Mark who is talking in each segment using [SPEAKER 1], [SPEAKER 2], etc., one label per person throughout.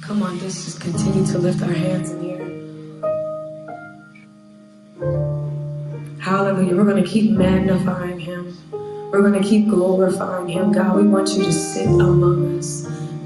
[SPEAKER 1] Come on, let's just continue to lift our hands in the air. Hallelujah. We're going to keep magnifying him. We're going to keep glorifying him. God, we want you to sit among us,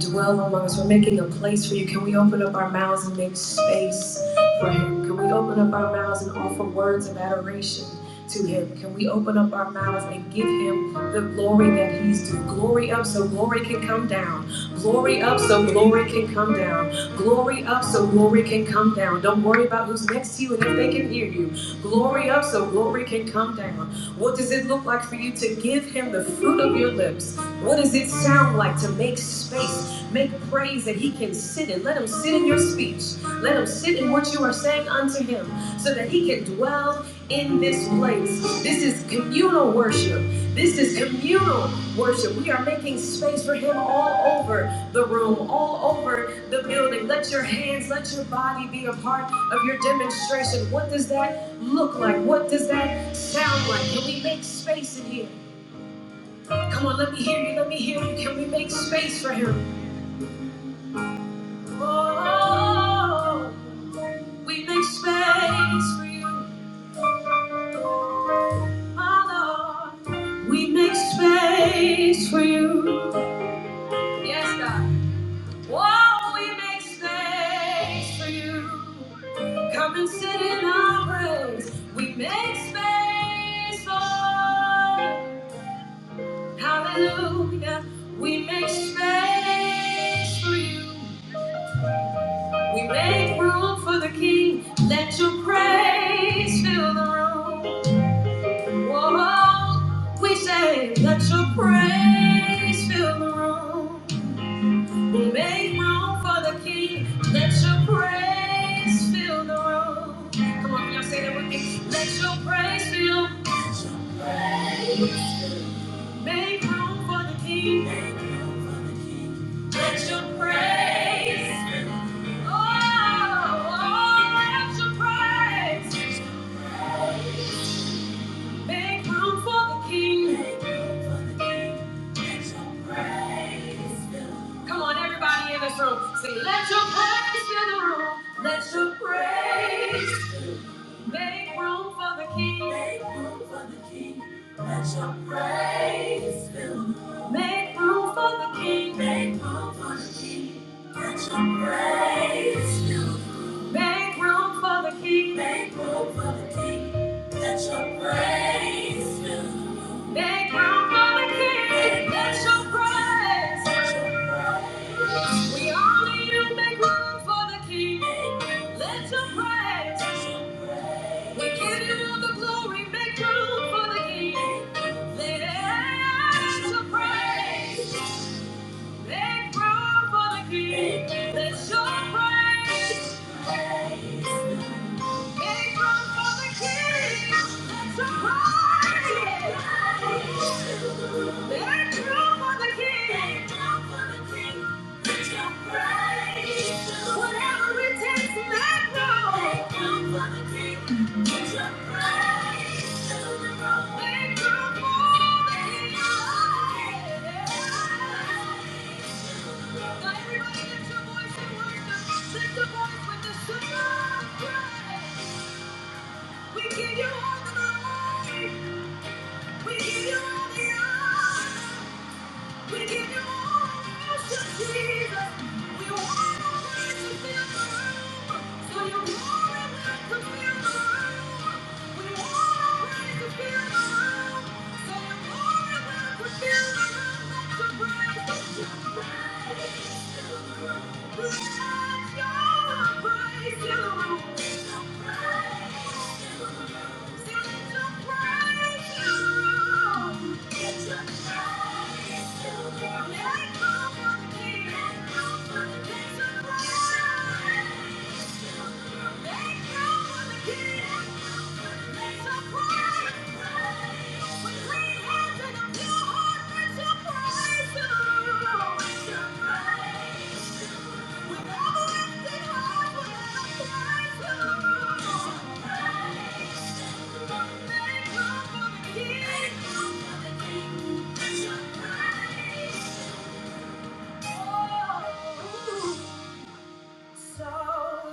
[SPEAKER 1] dwell among us. We're making a place for you. Can we open up our mouths and make space for him? Can we open up our mouths and offer words of adoration to him? Can we open up our mouths and give him the glory that he's due? Glory up so glory can come down. Glory up so glory can come down. Glory up so glory can come down. Don't worry about who's next to you and if they can hear you glory up so glory can come down. What does it look like for you to give him the fruit of your lips? What does it sound like to make space, make praise that he can sit in? Let him sit in your speech. Let him sit in what you are saying unto him so that he can dwell in this place. This is communal worship. This is communal worship. We are making space for him all over the room, all over the building. Let your hands, let your body be a part of your demonstration. What does that look like? What does that sound like? Can we make space in here? Come on, let me hear you. Let me hear you. Can we make space for him? Oh, we make space for you, my Lord. We make space for you. Yes, God. Oh, we make space for you. Come and sit in our praise. We make space for you. Hallelujah. We make space for you. We make room for the King. Let your praise fill the room. Whoa. We say, let your praise fill the room. We make room for the King. Let your praise fill the room. Come on, y'all say that with me. Let your praise fill. Make room for the King. Let your praise. Come on, everybody in this room. Sing, let your praise fill the room. Let your praise. fill the room. Make room for the King. Make room for the King. Let your praise fill the room. Make room for the King. Make room for the King. Let your praise fill the room. Make room for the King. Make room for the King. Let your praise fill the room. Make room for the King. Let your praise. Let your praise. We all need to make room for the King. Let your praise. We give you all the glory. Make room for the King. Let your praise. Make room for the King. Let your praise. Everybody lift your voice and worship. Lift your voice with the super praise. We give you all the glory. We give you all the honor. We give you all the worship, Jesus. We want to worship you, Lord. So your glory will come here, Lord. We want to praise you, Lord. So your glory will come here, Lord. Let your praise, let your praise, let your praise, you. With clean hands and a pure heart let your praise Surprise! So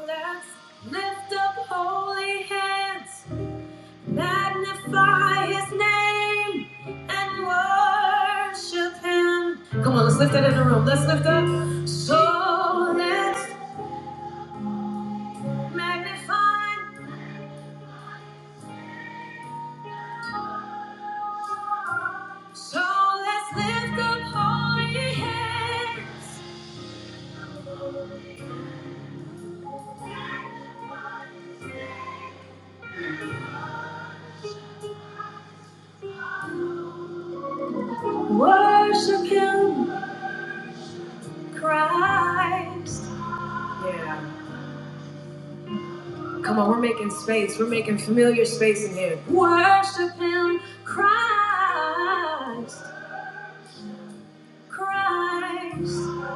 [SPEAKER 1] let's lift up holy hands, magnify his name, and worship him. Come on, let's lift that in the room. Let's lift up. So let's magnify So let's lift up holy hands, worship Him, Christ. Yeah. Come on, we're making space. We're making familiar space in here. Worship Him, Christ, Christ,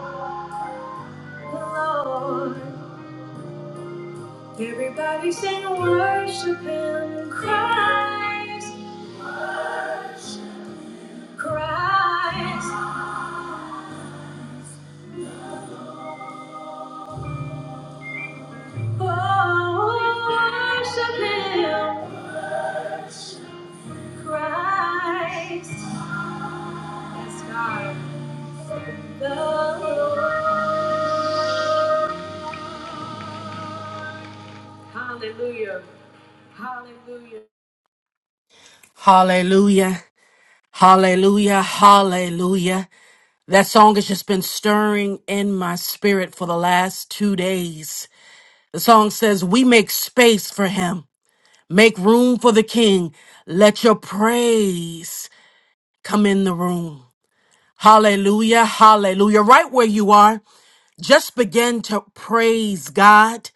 [SPEAKER 1] the Lord. Everybody sing, worship Him, Christ, Christ. Oh, worship Him, Christ. Yes, Hallelujah. Hallelujah.
[SPEAKER 2] Hallelujah. Hallelujah. Hallelujah. That song has just been stirring in my spirit for the last two days. The song says, We make space for him, make room for the king. Let your praise come in the room. Hallelujah. Hallelujah. Right where you are, just begin to praise God.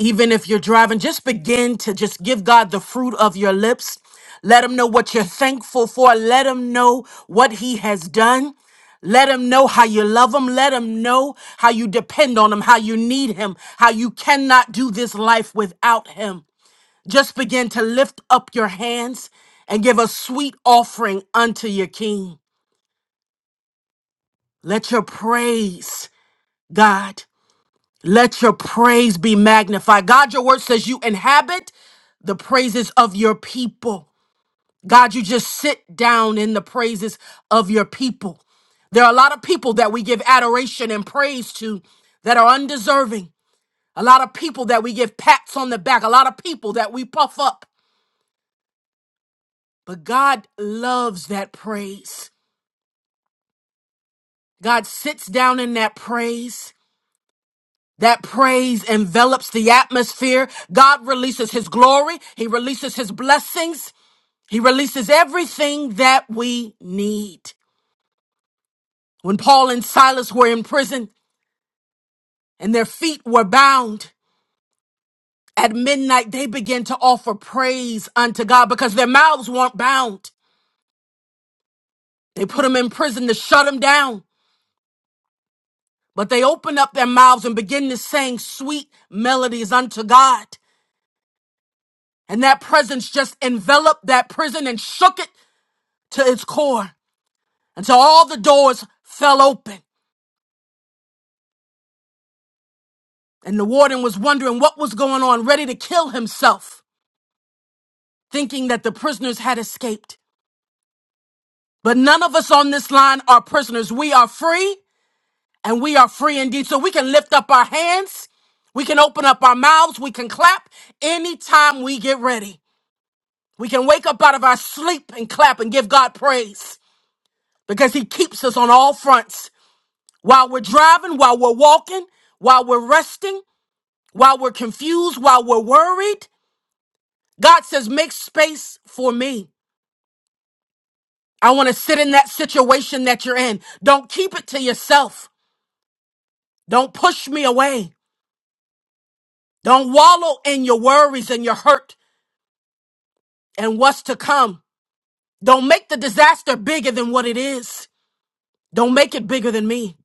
[SPEAKER 2] even if you're driving, just begin to just give God the fruit of your lips. Let him know what you're thankful for. Let him know what he has done. Let him know how you love him. Let him know how you depend on him, how you need him, how you cannot do this life without him. Just begin to lift up your hands and give a sweet offering unto your king. Let your praise, God. Let your praise be magnified. God, your word says you inhabit the praises of your people. God, you just sit down in the praises of your people. There are a lot of people that we give adoration and praise to that are undeserving. A lot of people that we give pats on the back. A lot of people that we puff up. But God loves that praise. God sits down in that praise. That praise envelops the atmosphere. God releases his glory. He releases his blessings. He releases everything that we need. When Paul and Silas were in prison and their feet were bound at midnight, they began to offer praise unto God because their mouths weren't bound. They put them in prison to shut them down, but they opened up their mouths and began to sing sweet melodies unto God. And that presence just enveloped that prison and shook it to its core until all the doors fell open and the warden was wondering what was going on, ready to kill himself, thinking that the prisoners had escaped. But none of us on this line are prisoners. We are free and we are free indeed. So we can lift up our hands. We can open up our mouths. We can clap anytime we get ready. We can wake up out of our sleep and clap and give God praise because He keeps us on all fronts while we're driving, while we're walking, while we're resting. while we're confused, while we're worried, God says, make space for me. I want to sit in that situation that you're in. Don't keep it to yourself. Don't push me away. Don't wallow in your worries and your hurt and what's to come. Don't make the disaster bigger than what it is. Don't make it bigger than me.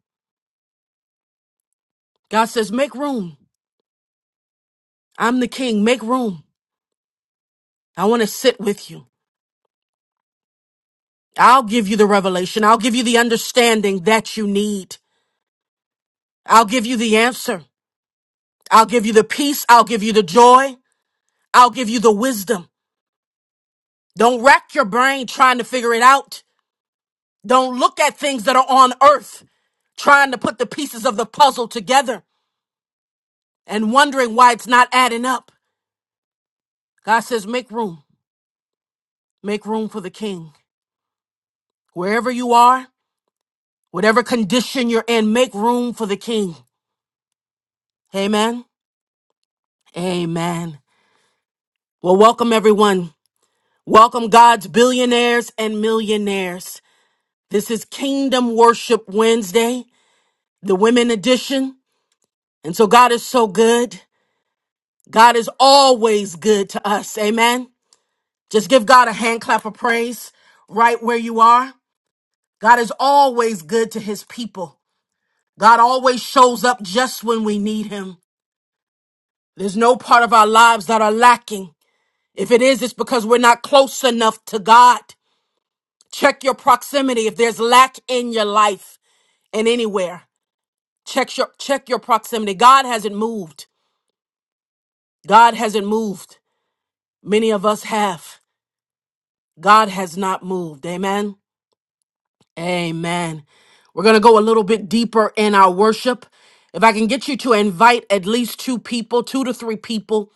[SPEAKER 2] God says, make room. I'm the king. Make room. I want to sit with you. I'll give you the revelation. I'll give you the understanding that you need. I'll give you the answer. I'll give you the peace. I'll give you the joy. I'll give you the wisdom. Don't rack your brain trying to figure it out. Don't look at things that are on earth trying to put the pieces of the puzzle together and wondering why it's not adding up. God says, make room. Make room for the king. Wherever you are, whatever condition you're in, make room for the king. Amen. Amen. Well, welcome everyone. Welcome God's billionaires and millionaires. This is Kingdom Worship Wednesday. the women edition. And so God is so good. God is always good to us. Amen. Just give God a hand clap of praise right where you are. God is always good to his people. God always shows up just when we need him. There's no part of our lives that are lacking. If it is, it's because we're not close enough to God. Check your proximity. If there's lack in your life and anywhere, check your, check your proximity. God hasn't moved. God hasn't moved. Many of us have. God has not moved. Amen. Amen. We're going to go a little bit deeper in our worship. If I can get you to invite at least two people, two to three people,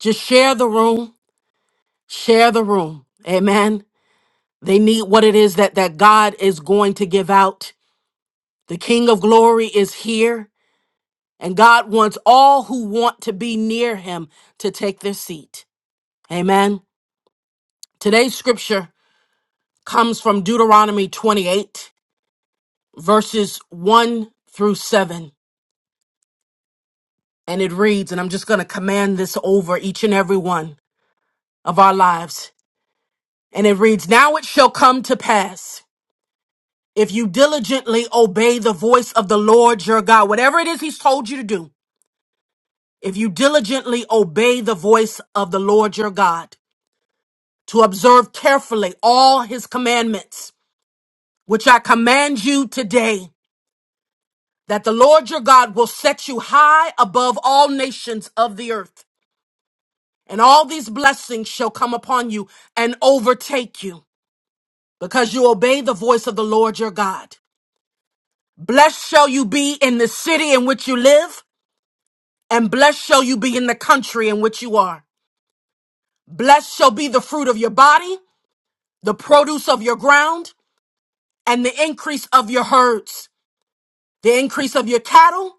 [SPEAKER 2] just share the room, share the room. Amen. They need what it is that that God is going to give out. The King of Glory is here, and God wants all who want to be near him to take their seat. Amen. Today's scripture comes from Deuteronomy 28 verses 1 through 7. And it reads, and I'm just going to command this over each and every one of our lives. And it reads, Now it shall come to pass if you diligently obey the voice of the Lord your God, whatever it is he's told you to do, if you diligently obey the voice of the Lord your God to observe carefully all his commandments, which I command you today, that the Lord your God will set you high above all nations of the earth and all these blessings shall come upon you and overtake you because you obey the voice of the Lord your God. Blessed shall you be in the city in which you live, and blessed shall you be in the country in which you are. Blessed shall be the fruit of your body, the produce of your ground, and the increase of your herds, the increase of your cattle,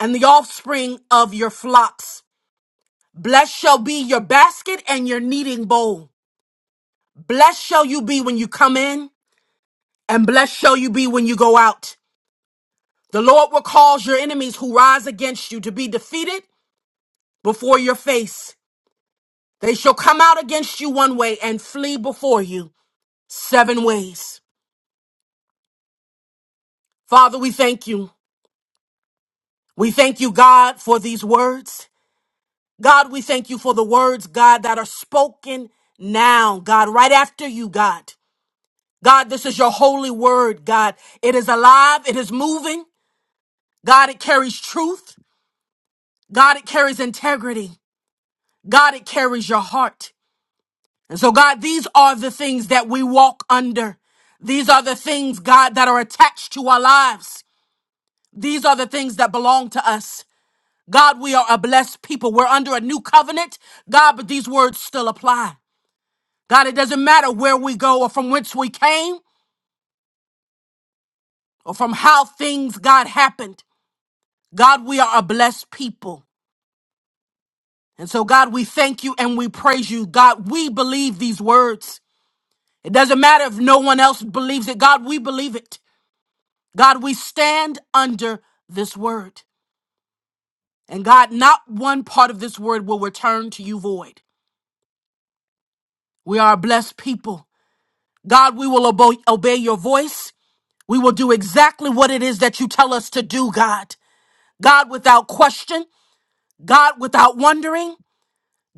[SPEAKER 2] and the offspring of your flocks. Blessed shall be your basket and your kneading bowl. Blessed shall you be when you come in, And blessed shall you be when you go out. The Lord will cause your enemies who rise against you to be defeated before your face. They shall come out against you one way and flee before you seven ways. Father, we thank you. We thank you, God, for these words. God, we thank you for the words, God, that are spoken now, God, right after you, God. God, this is your holy word, God. It is alive, it is moving. God, it carries truth. God, it carries integrity. God, it carries your heart. And so, God, these are the things that we walk under. These are the things, God, that are attached to our lives. These are the things that belong to us. God, we are a blessed people. We're under a new covenant, God, but these words still apply. God, it doesn't matter where we go or from whence we came or from how things, God, happened. God, we are a blessed people. And so, God, we thank you and we praise you. God, we believe these words. It doesn't matter if no one else believes it. God, we believe it. God, we stand under this word. And God, not one part of this word will return to you void. We are a blessed people. God, we will obo- obey your voice. We will do exactly what it is that you tell us to do, God. God, without question. God, without wondering.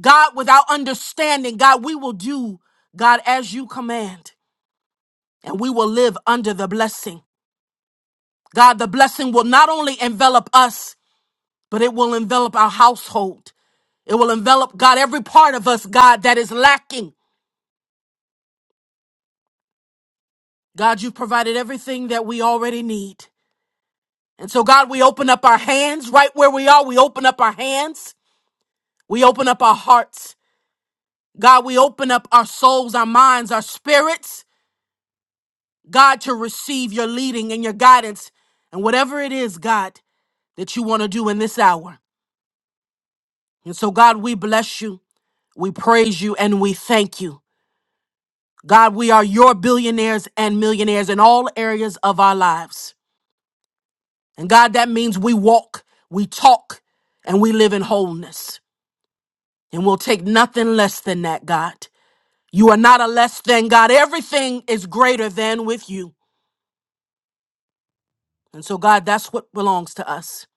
[SPEAKER 2] God, without understanding. God, we will do, God, as you command. And we will live under the blessing. God, the blessing will not only envelop us, but it will envelop our household. It will envelop, God, every part of us, God, that is lacking. God, you've provided everything that we already need. And so, God, we open up our hands right where we are. We open up our hands. We open up our hearts. God, we open up our souls, our minds, our spirits, God, to receive your leading and your guidance and whatever it is, God, that you want to do in this hour. And so, God, we bless you, we praise you, and we thank you. God, we are your billionaires and millionaires in all areas of our lives. And God, that means we walk, we talk, and we live in wholeness. And we'll take nothing less than that, God. You are not a less than God. Everything is greater than with you. And so, God, that's what belongs to us.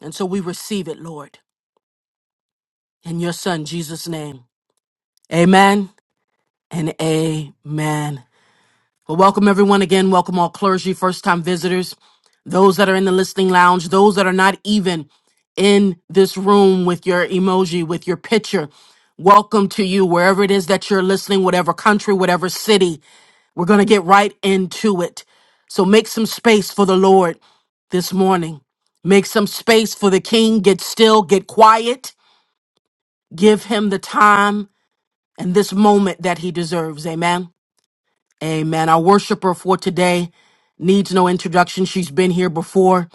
[SPEAKER 2] And so we receive it, Lord, in your Son, Jesus' name. Amen and amen. Well, welcome everyone again. Welcome all clergy, first time visitors, those that are in the listening lounge, those that are not even in this room with your emoji, with your picture. Welcome to you, wherever it is that you're listening, whatever country, whatever city. We're going to get right into it. So make some space for the Lord this morning. Make some space for the King. Get still, get quiet. Give him the time and this moment that he deserves. Amen. Amen. Our worshiper for today needs no introduction. She's been here before.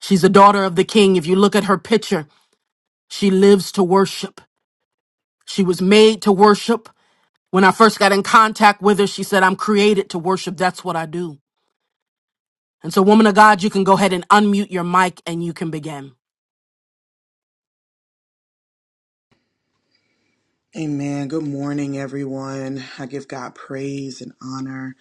[SPEAKER 2] She's a daughter of the king. If you look at her picture, she lives to worship. She was made to worship. When I first got in contact with her, she said, I'm created to worship. That's what I do. And so, woman of God, you can go ahead and unmute your mic and you can begin.
[SPEAKER 3] Amen. Good morning, everyone. I give God praise and honor.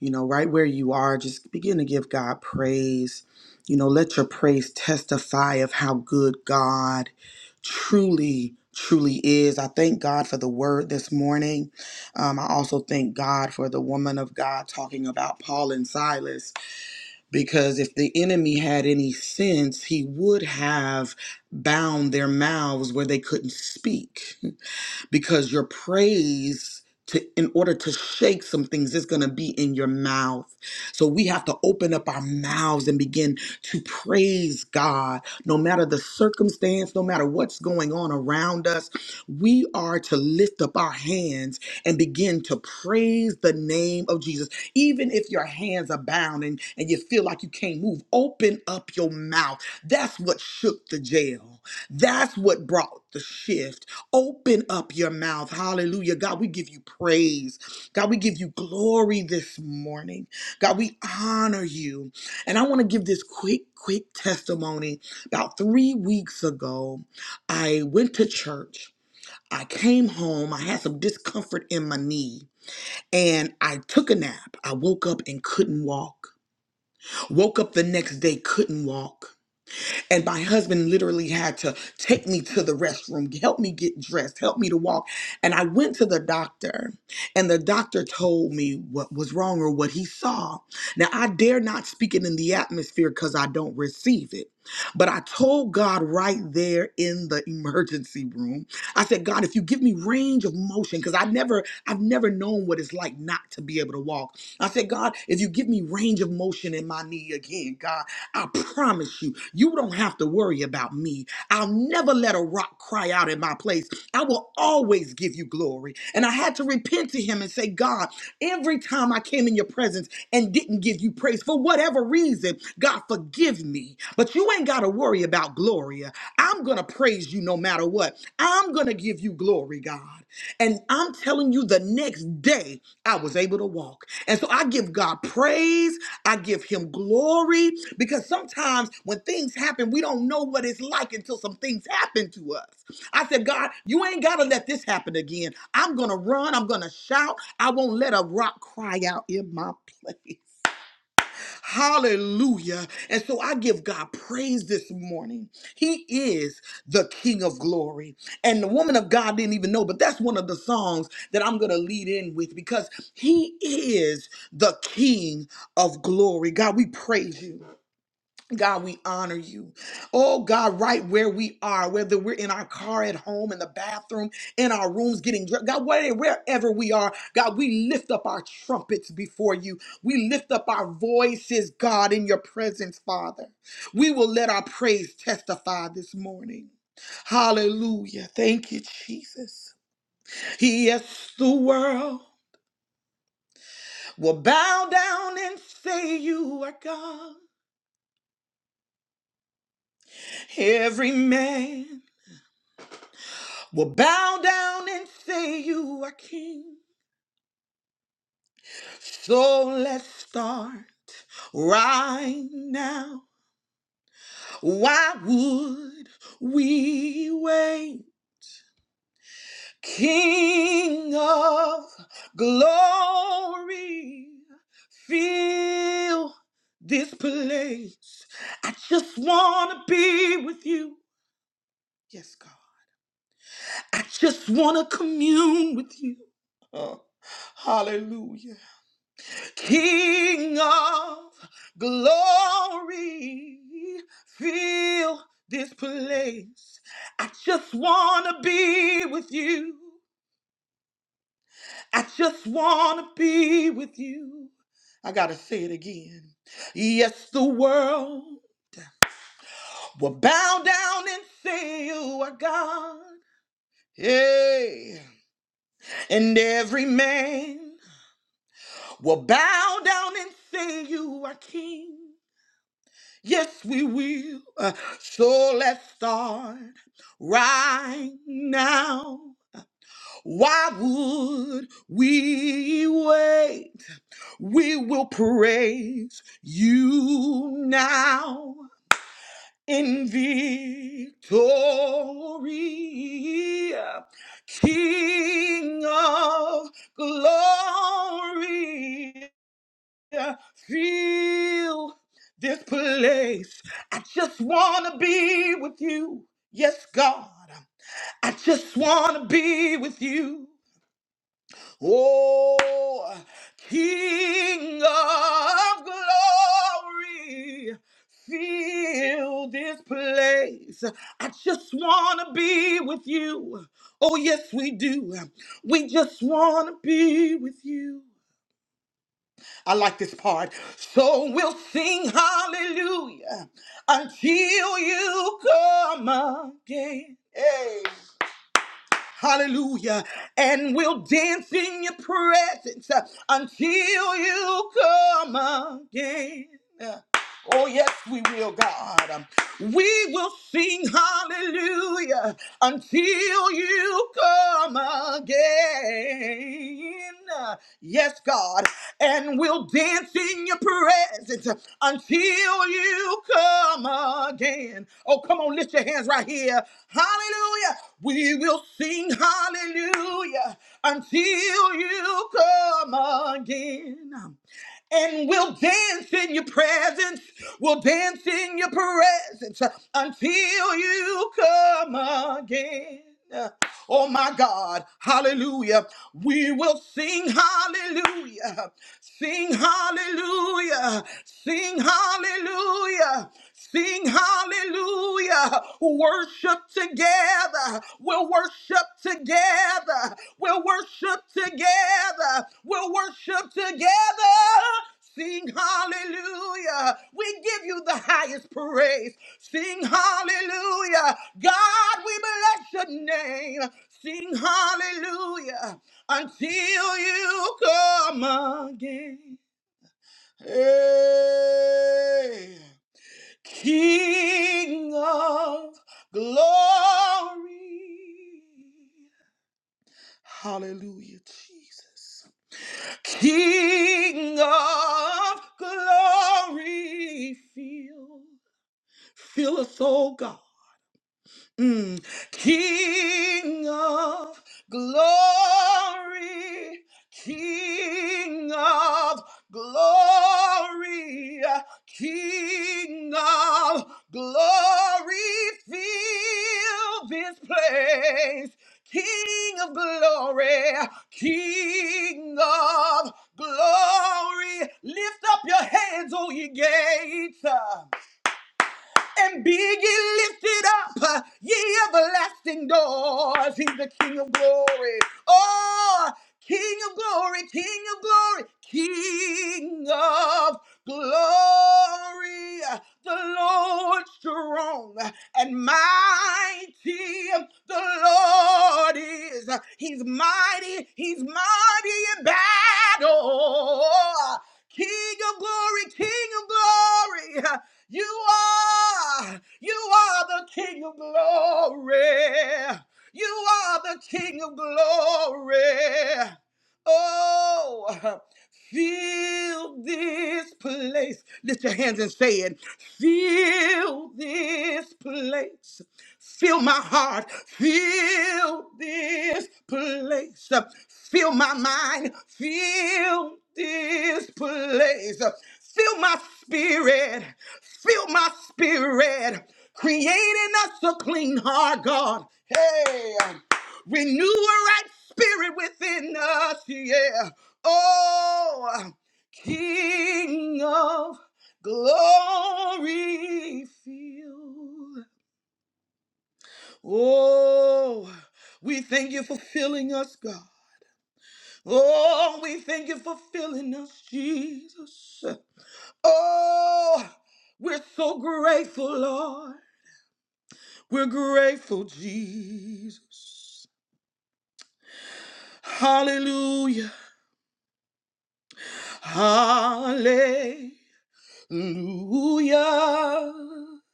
[SPEAKER 3] You know, right where you are, just begin to give God praise. You know, let your praise testify of how good God truly, truly is. I thank God for the word this morning. Um, I also thank God for the woman of God talking about Paul and Silas, because if the enemy had any sense, he would have bound their mouths where they couldn't speak because your praise to in order to shake some things is going to be in your mouth. So we have to open up our mouths and begin to praise God no matter the circumstance, no matter what's going on around us. We are to lift up our hands and begin to praise the name of Jesus. Even if your hands are bound and, and you feel like you can't move, open up your mouth. That's what shook the jail. That's what brought the shift. Open up your mouth. Hallelujah. God, we give you praise. God, we give you glory this morning. God, we honor you. And I want to give this quick, quick testimony. About three weeks ago, I went to church. I came home. I had some discomfort in my knee and I took a nap. I woke up and couldn't walk. Woke up the next day, couldn't walk. And my husband literally had to take me to the restroom, help me get dressed, help me to walk. And I went to the doctor, and the doctor told me what was wrong or what he saw. Now, I dare not speak it in the atmosphere because I don't receive it. But I told God right there in the emergency room, I said, God, if you give me range of motion, because I never, I've never known what it's like not to be able to walk. I said, God, if you give me range of motion in my knee again, God. I promise you, you don't have to worry about me. I'll never let a rock cry out in my place. I will always give you glory. And I had to repent to him and say, God, every time I came in your presence and didn't give you praise for whatever reason, God, forgive me. But you ain't got to worry about Gloria. I'm going to praise you no matter what. I'm going to give you glory, God. And I'm telling you, the next day I was able to walk. And so I give God praise. I give him glory because sometimes when things happen, we don't know what it's like until some things happen to us. I said, God, you ain't got to let this happen again. I'm going to run. I'm going to shout. I won't let a rock cry out in my place. Hallelujah. And so I give God praise this morning. He is the King of glory. And the woman of God didn't even know, but that's one of the songs that I'm going to lead in with because He is the King of glory. God, we praise you. God, we honor you. Oh God, right where we are, whether we're in our car at home, in the bathroom, in our rooms getting dressed, God, where- wherever we are, God, we lift up our trumpets before you. We lift up our voices, God, in your presence, Father. We will let our praise testify this morning. Hallelujah. Thank you, Jesus. Yes, the world will bow down and say you are God. Every man. We'll bow down and say you are king. So let's start right now. Why would we wait? King of glory, feel this place. I just want to be with you. Yes, God. I just want to commune with you. Oh, hallelujah. King of glory, fill this place. I just want to be with you. I just want to be with you. I got to say it again. Yes, the world will bow down and say, You are God. Hey. And every man will bow down and say, You are King. Yes, we will. Uh, so let's start right now. Why would we wait? We will praise you now in victory, King of glory. I feel this place. I just want to be with you. Yes, God. I just want to be with you. Oh, King of glory, feel this place. I just want to be with you. Oh, yes, we do. We just want to be with you. I like this part. So we'll sing hallelujah until you come again. Hey. Hallelujah. And we'll dance in your presence uh, until you come again. Oh, yes, we will, God. Um, We will sing hallelujah until you come again. Uh, Yes, God. And we'll dance in your presence uh, until you come again. Oh, come on, lift your hands right here. Hallelujah. We will sing hallelujah until you come again and we'll dance in your presence. We'll dance in your presence until you come again. Oh my God, hallelujah. We will sing hallelujah. Sing hallelujah. Sing hallelujah. Sing hallelujah. Worship together. We'll worship together. We'll worship together. We'll worship together. Sing hallelujah. We give you the highest praise. Sing hallelujah. God, we bless your name. Sing hallelujah until you come again. Hey. King of glory. Hallelujah, Jesus. King of glory, fill, fill us, oh God. Mm. King of glory, King of glory, King of glory, fill this place. King of glory, King of glory, lift up your hands, O ye gates and be ye lifted up, uh, ye everlasting doors. He's the King of glory. Oh, King of glory, King of glory, King of glory. The Lord strong and mighty. The Lord is. He's mighty. He's mighty in battle. King of glory, King of glory. You are. You are the King of glory. You are the King of glory. Oh, fill this place. Lift your hands and say it. Fill this place. Fill my heart. Fill this place. Fill my mind. Fill this place. Fill my spirit. Fill my spirit. Creating us a clean heart, God. Hey, renew a right spirit within us. Yeah. Oh, King of glory, fill. Oh, we thank you for filling us, God. Oh, we thank you for filling us, Jesus. Oh, we're so grateful, Lord. We're grateful, Jesus. Hallelujah. Hallelujah. Mm.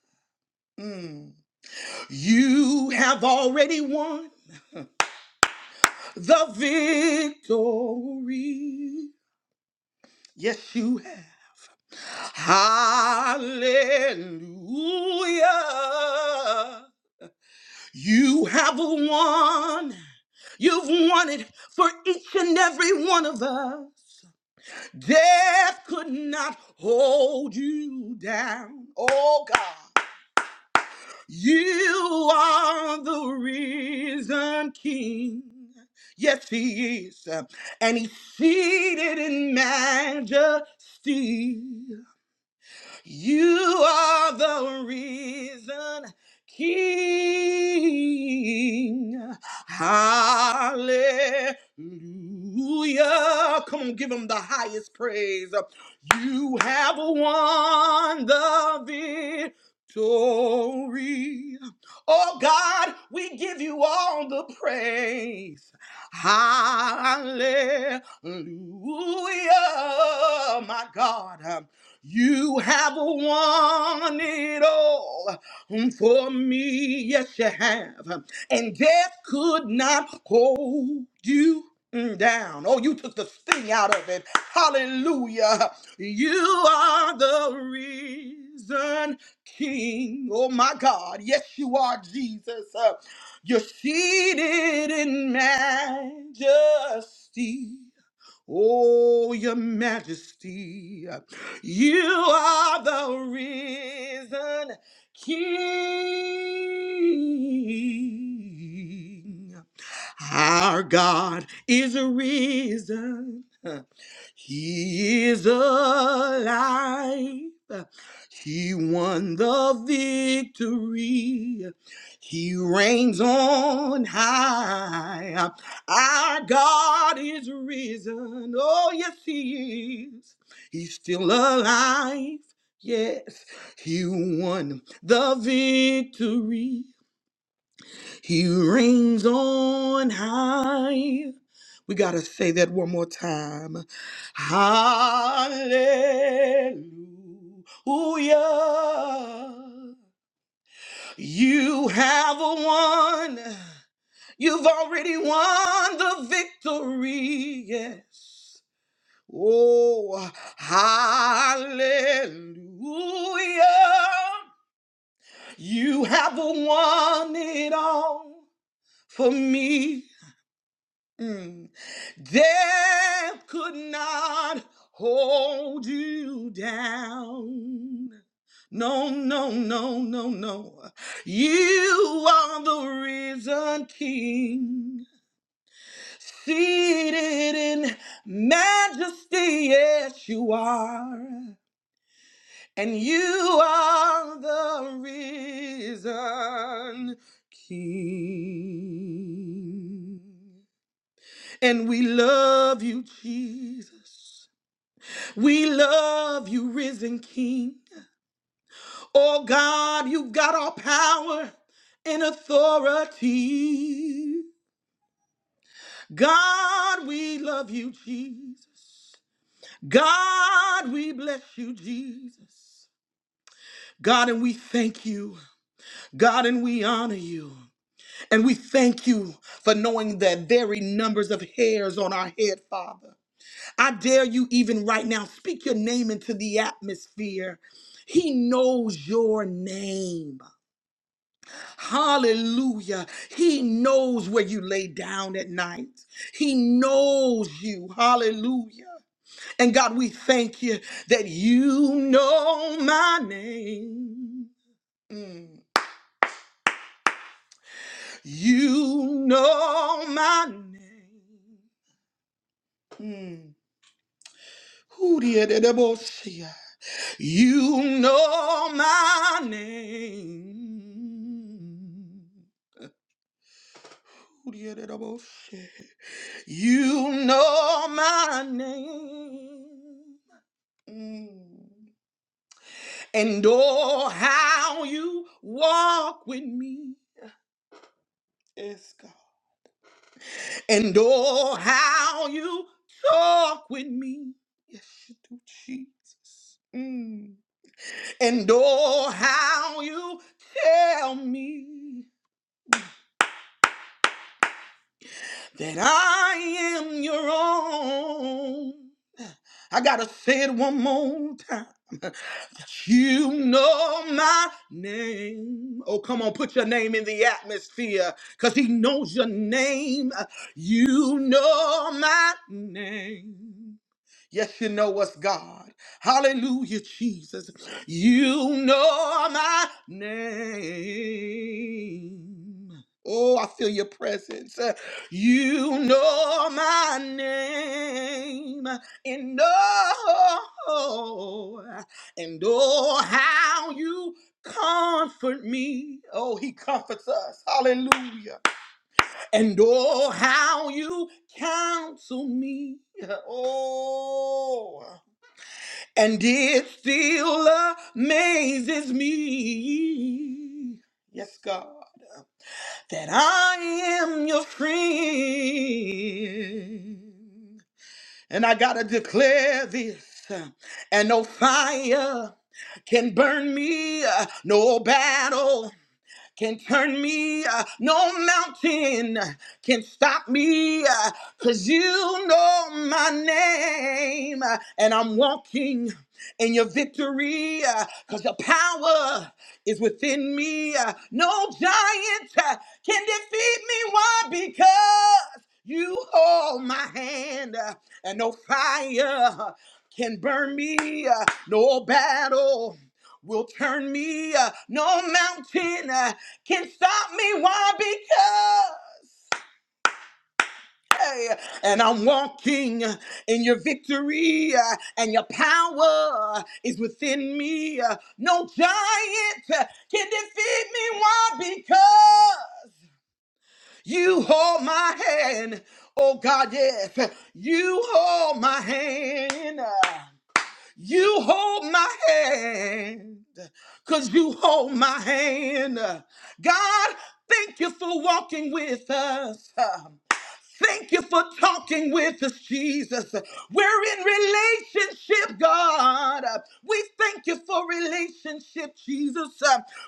[SPEAKER 3] You have already won the victory. Yes, you have. Hallelujah. You have won. You've won it for each and every one of us. Death could not hold you down. Oh God. You are the risen King. Yes, He is. And He's seated in majesty. You are the reason, King. Hallelujah. Come on, give him the highest praise. You have won the victory. Oh God, we give you all the praise. Hallelujah, my God. You have won it all for me. Yes, you have. And death could not hold you down. Oh, you took the sting out of it. Hallelujah. You are the reason, King. Oh, my God. Yes, you are, Jesus. Uh, You're seated in majesty. Oh, your majesty, you are the risen king. Our God is risen. He is alive. He won the victory. He reigns on high. Our God is risen. Oh, yes, He is. He's still alive. Yes, He won the victory. He reigns on high. We got to say that one more time. Hallelujah. You have won. You've already won the victory. Yes. Oh, hallelujah. You have won it all for me. Mm. Death could not hold you down. No, no, no, no, no. You are the risen king. Seated in majesty, yes, you are. And you are the risen king. And we love you, Jesus. We love you, risen King. Oh God, you've got all power and authority. God, we love you, Jesus. God, we bless you, Jesus. God, and we thank you. God, and we honor you. And we thank you for knowing the very numbers of hairs on our head, Father. I dare you, even right now, speak your name into the atmosphere. He knows your name. Hallelujah. He knows where you lay down at night. He knows you. Hallelujah. And God, we thank you that you know my name. Mm. You know my name. Mm. Who did it? about you? You know my name. You know my name. Mm. And oh, how you walk with me. Yes, God. And oh, how you talk with me. Yes, you do, Jesus. Mm. And oh, how you tell me. that I am your own. I gotta say it one more time. You know my name. Oh, come on, put your name in the atmosphere because he knows your name. You know my name. Yes, you know us, God. Hallelujah, Jesus. You know my name. Oh, I feel your presence. Uh, You know my name. And oh, and oh, how you comfort me. Oh, he comforts us. Hallelujah. And oh, how you counsel me. Oh, and it still amazes me. Yes, God, that I am your friend. And I gotta declare this. And no fire can burn me, no battle can turn me. Uh, no mountain can stop me uh, cause you know my name uh, and I'm walking in your victory uh, cause your power is within me. uh, no giant uh, can defeat me. Why? Because you hold my hand uh, and no fire can burn me. uh, no battle will turn me. uh, no mountain. uh, can stop me. Why? Because. hey, And I'm walking in your victory, uh, and your power is within me. Uh, No giant uh, can defeat me. Why? Because you hold my hand. Oh God, yes, you hold my hand. You hold my hand, cause you hold my hand. God, thank you for walking with us. Thank you for talking with us, Jesus. We're in relationship, God. We thank you for relationship, Jesus.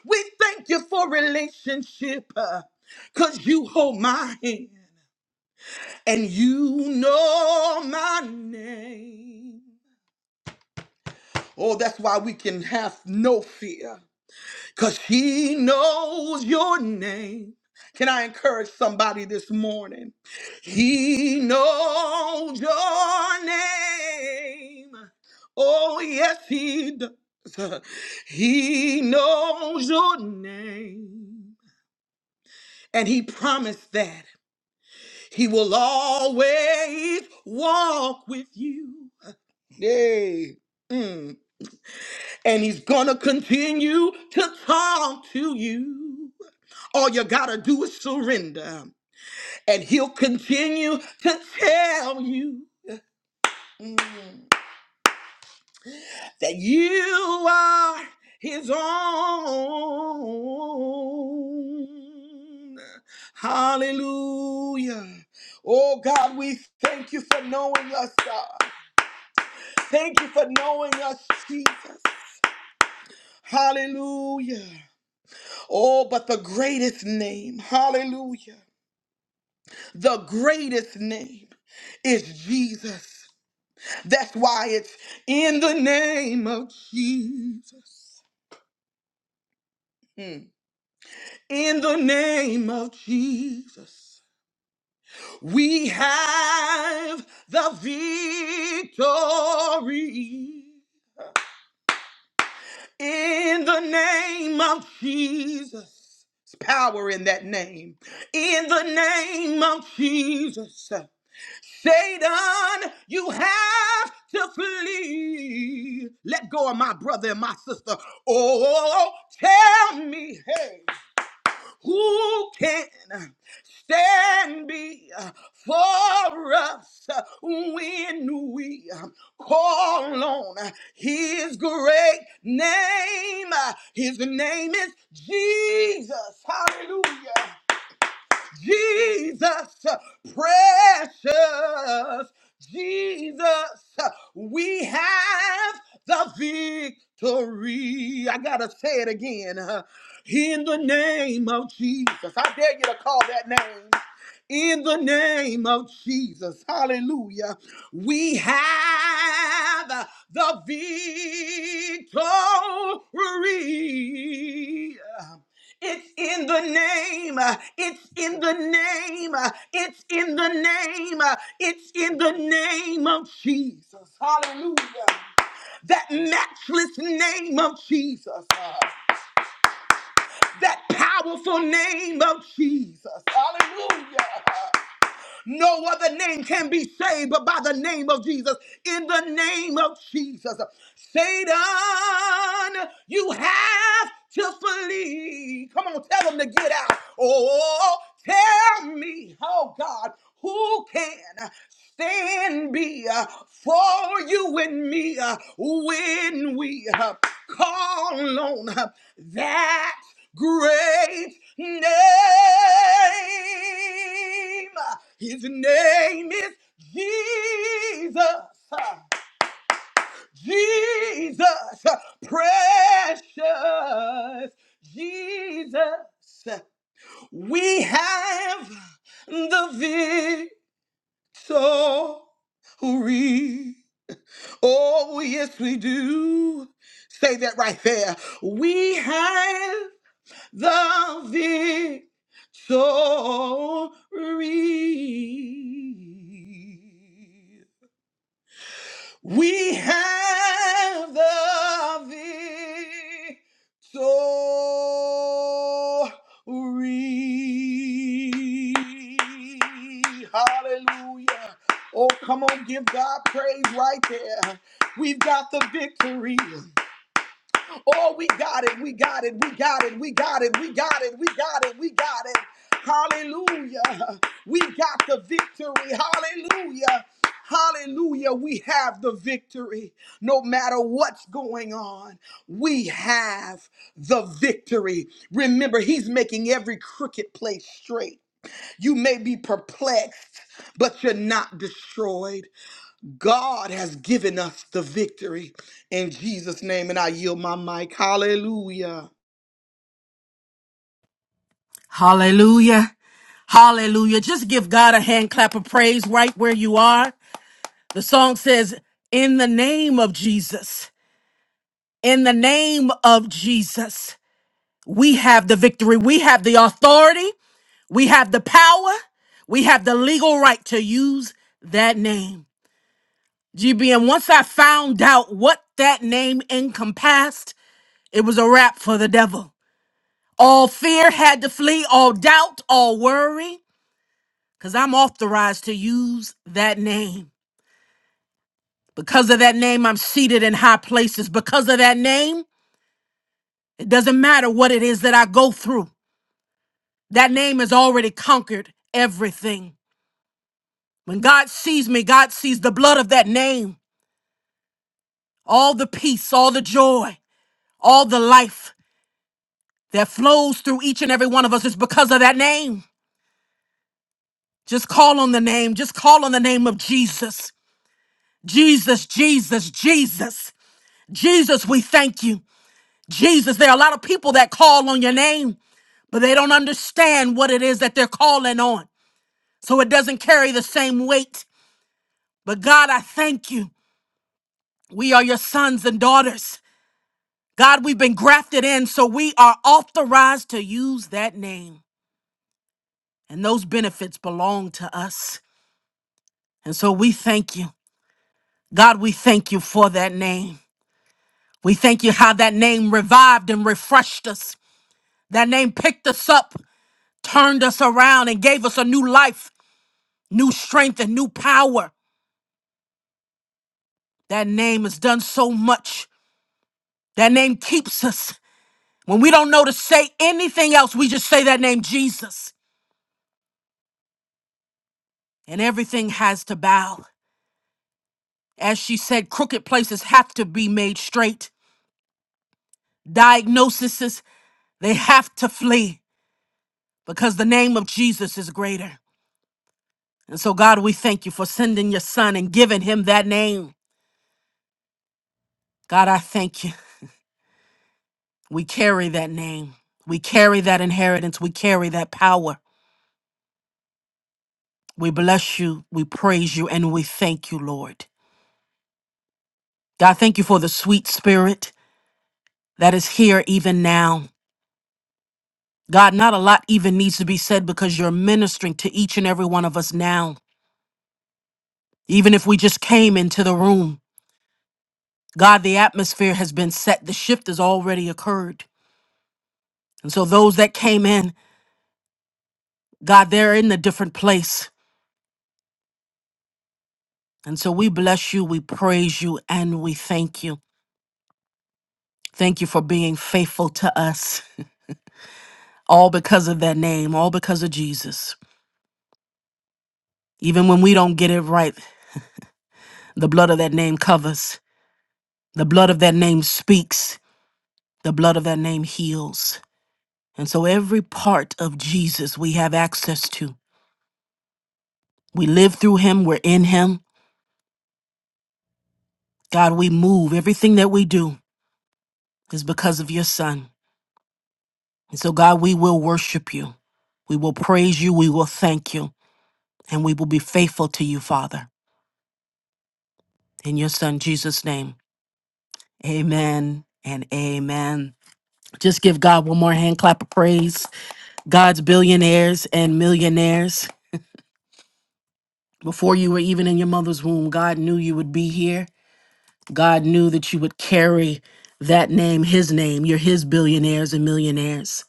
[SPEAKER 3] We thank you for relationship, uh, cause you hold my hand and you know my name. Oh, that's why we can have no fear, because he knows your name. Can I encourage somebody this morning? He knows your name. Oh, yes, he does. He knows your name. And he promised that he will always walk with you. Yay. and he's gonna continue to talk to you. All you gotta do is surrender, and he'll continue to tell you mm, that you are his own. Hallelujah. Oh God, we thank you for knowing us, God. Thank you for knowing us, Jesus. Hallelujah. Oh, but the greatest name, hallelujah, the greatest name is Jesus. That's why it's in the name of Jesus. Mm. In the name of Jesus, we have the victory. In the name of Jesus, There's power in that name. In the name of Jesus. Satan, you have to flee. Let go of my brother and my sister. Oh, tell me, hey, who can stand before us when we call on his great name? His name is Jesus. Hallelujah. Jesus, precious Jesus, we have the victory. I gotta say it again. huh? In the name of Jesus, I dare you to call that name. In the name of Jesus, hallelujah, we have the victory. It's in the name. uh, It's in the name. uh, It's in the name. uh, It's in the name of Jesus. Hallelujah. That matchless name of Jesus. uh, That powerful name of Jesus. Hallelujah. No other name can be saved but by the name of Jesus. In the name of Jesus. Satan, you have to flee. Come on, tell them to get out. Oh, tell me, oh God, who can stand be uh, for you and me uh, when we uh, call on uh, that great name. His name is Jesus. Jesus. Precious Jesus. We have the victory. Oh, yes, we do. Say that right there. We have the victory. We have the victory. Hallelujah. Oh, come on, give God praise right there. We've got the victory. Oh, we got it. We got it. We got it. We got it. We got it. We got it. We got it. Hallelujah. We got the victory. Hallelujah. Hallelujah. We have the victory. No matter what's going on, we have the victory. Remember, He's making every crooked place straight. You may be perplexed, but you're not destroyed. God has given us the victory in Jesus' name. And I yield my mic. Hallelujah.
[SPEAKER 2] Hallelujah. Hallelujah. Just give God a hand clap of praise right where you are. The song says, In the name of Jesus. In the name of Jesus. we have the victory. We have the authority. We have the power. We have the legal right to use that name. GBM, once I found out what that name encompassed, it was a wrap for the devil. All fear had to flee, all doubt, all worry, because I'm authorized to use that name. Because of that name, I'm seated in high places. Because of that name, it doesn't matter what it is that I go through. That name has already conquered everything. When God sees me, God sees the blood of that name, all the peace, all the joy, all the life that flows through each and every one of us is because of that name. Just call on the name, just call on the name of Jesus. Jesus, Jesus, Jesus. Jesus, we thank you. Jesus, there are a lot of people that call on your name, but they don't understand what it is that they're calling on. So it doesn't carry the same weight. But God, I thank you. We are your sons and daughters. God, we've been grafted in, so we are authorized to use that name. And those benefits belong to us. And so we thank you. God, we thank you for that name. We thank you how that name revived and refreshed us. That name picked us up, turned us around, and gave us a new life, new strength, and new power. That name has done so much. That name keeps us. When we don't know to say anything else, we just say that name, Jesus, and everything has to bow. As she said, crooked places have to be made straight. Diagnoses, they have to flee because the name of Jesus is greater. And so, God, we thank you for sending your son and giving him that name. God, I thank you. We carry that name. We carry that inheritance. We carry that power. We bless you. We praise you. And we thank you, Lord. God, thank you for the sweet spirit that is here even now. God, not a lot even needs to be said because you're ministering to each and every one of us now. Even if we just came into the room, God, the atmosphere has been set. The shift has already occurred. And so those that came in, God, they're in a different place. And so we bless you, we praise you, and we thank you. Thank you for being faithful to us, all because of that name, all because of Jesus. Even when we don't get it right, the blood of that name covers, the blood of that name speaks, the blood of that name heals. And so every part of Jesus we have access to. We live through him, we're in him. God, we move. Everything that we do is because of your son. And so, God, we will worship you. We will praise you. We will thank you. And we will be faithful to you, Father. In your son, Jesus' name, amen and amen. Just give God one more hand clap of praise. God's billionaires and millionaires. Before you were even in your mother's womb, God knew you would be here. God knew that you would carry that name, his name. You're his billionaires and millionaires.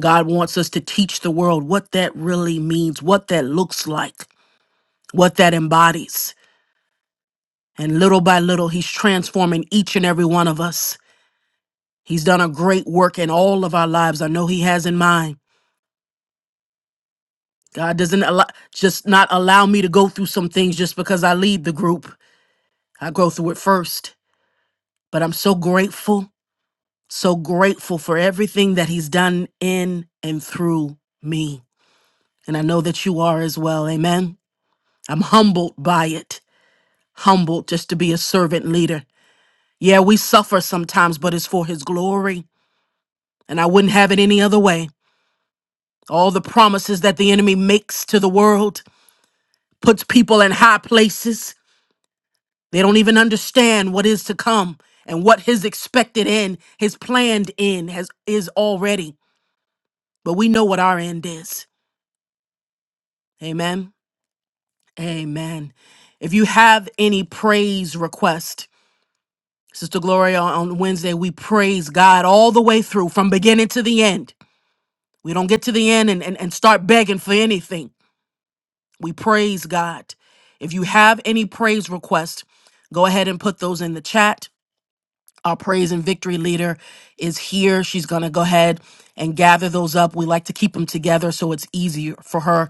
[SPEAKER 2] God wants us to teach the world what that really means, what that looks like, what that embodies. And little by little, He's transforming each and every one of us. He's done a great work in all of our lives. I know He has in mine. God doesn't allow, just not allow me to go through some things just because I lead the group. I go through it first. But I'm so grateful, so grateful for everything that He's done in and through me. And I know that you are as well. Amen. I'm humbled by it. humbled just to be a servant leader. Yeah, we suffer sometimes, but it's for his glory. And I wouldn't have it any other way. All the promises that the enemy makes to the world puts people in high places. They don't even understand what is to come and what his expected end, his planned end has is already. But we know what our end is. Amen. Amen. If you have any praise request, Sister Gloria, on Wednesday, we praise God all the way through from beginning to the end. We don't get to the end and, and, and start begging for anything. We praise God. If you have any praise requests, go ahead and put those in the chat. Our praise and victory leader is here. She's going to go ahead and gather those up. We like to keep them together so it's easier for her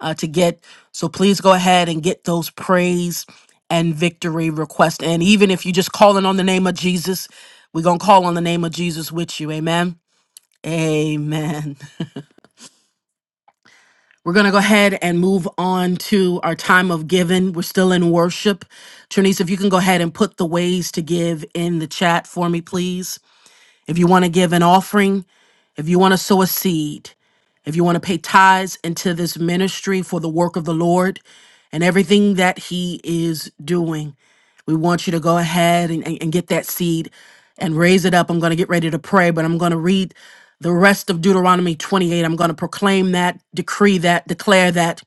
[SPEAKER 2] uh, to get. So please go ahead and get those praise and victory requests. And even if you're just calling on the name of Jesus, we're going to call on the name of Jesus with you. Amen. Amen. We're going to go ahead and move on to our time of giving. We're still in worship. Trinise, if you can go ahead and put the ways to give in the chat for me, please. If you want to give an offering, if you want to sow a seed, if you want to pay tithes into this ministry for the work of the Lord and everything that He is doing, we want you to go ahead and, and, and get that seed and raise it up. I'm going to get ready to pray, but I'm going to read the rest of Deuteronomy 28. I'm going to proclaim that, decree that, declare that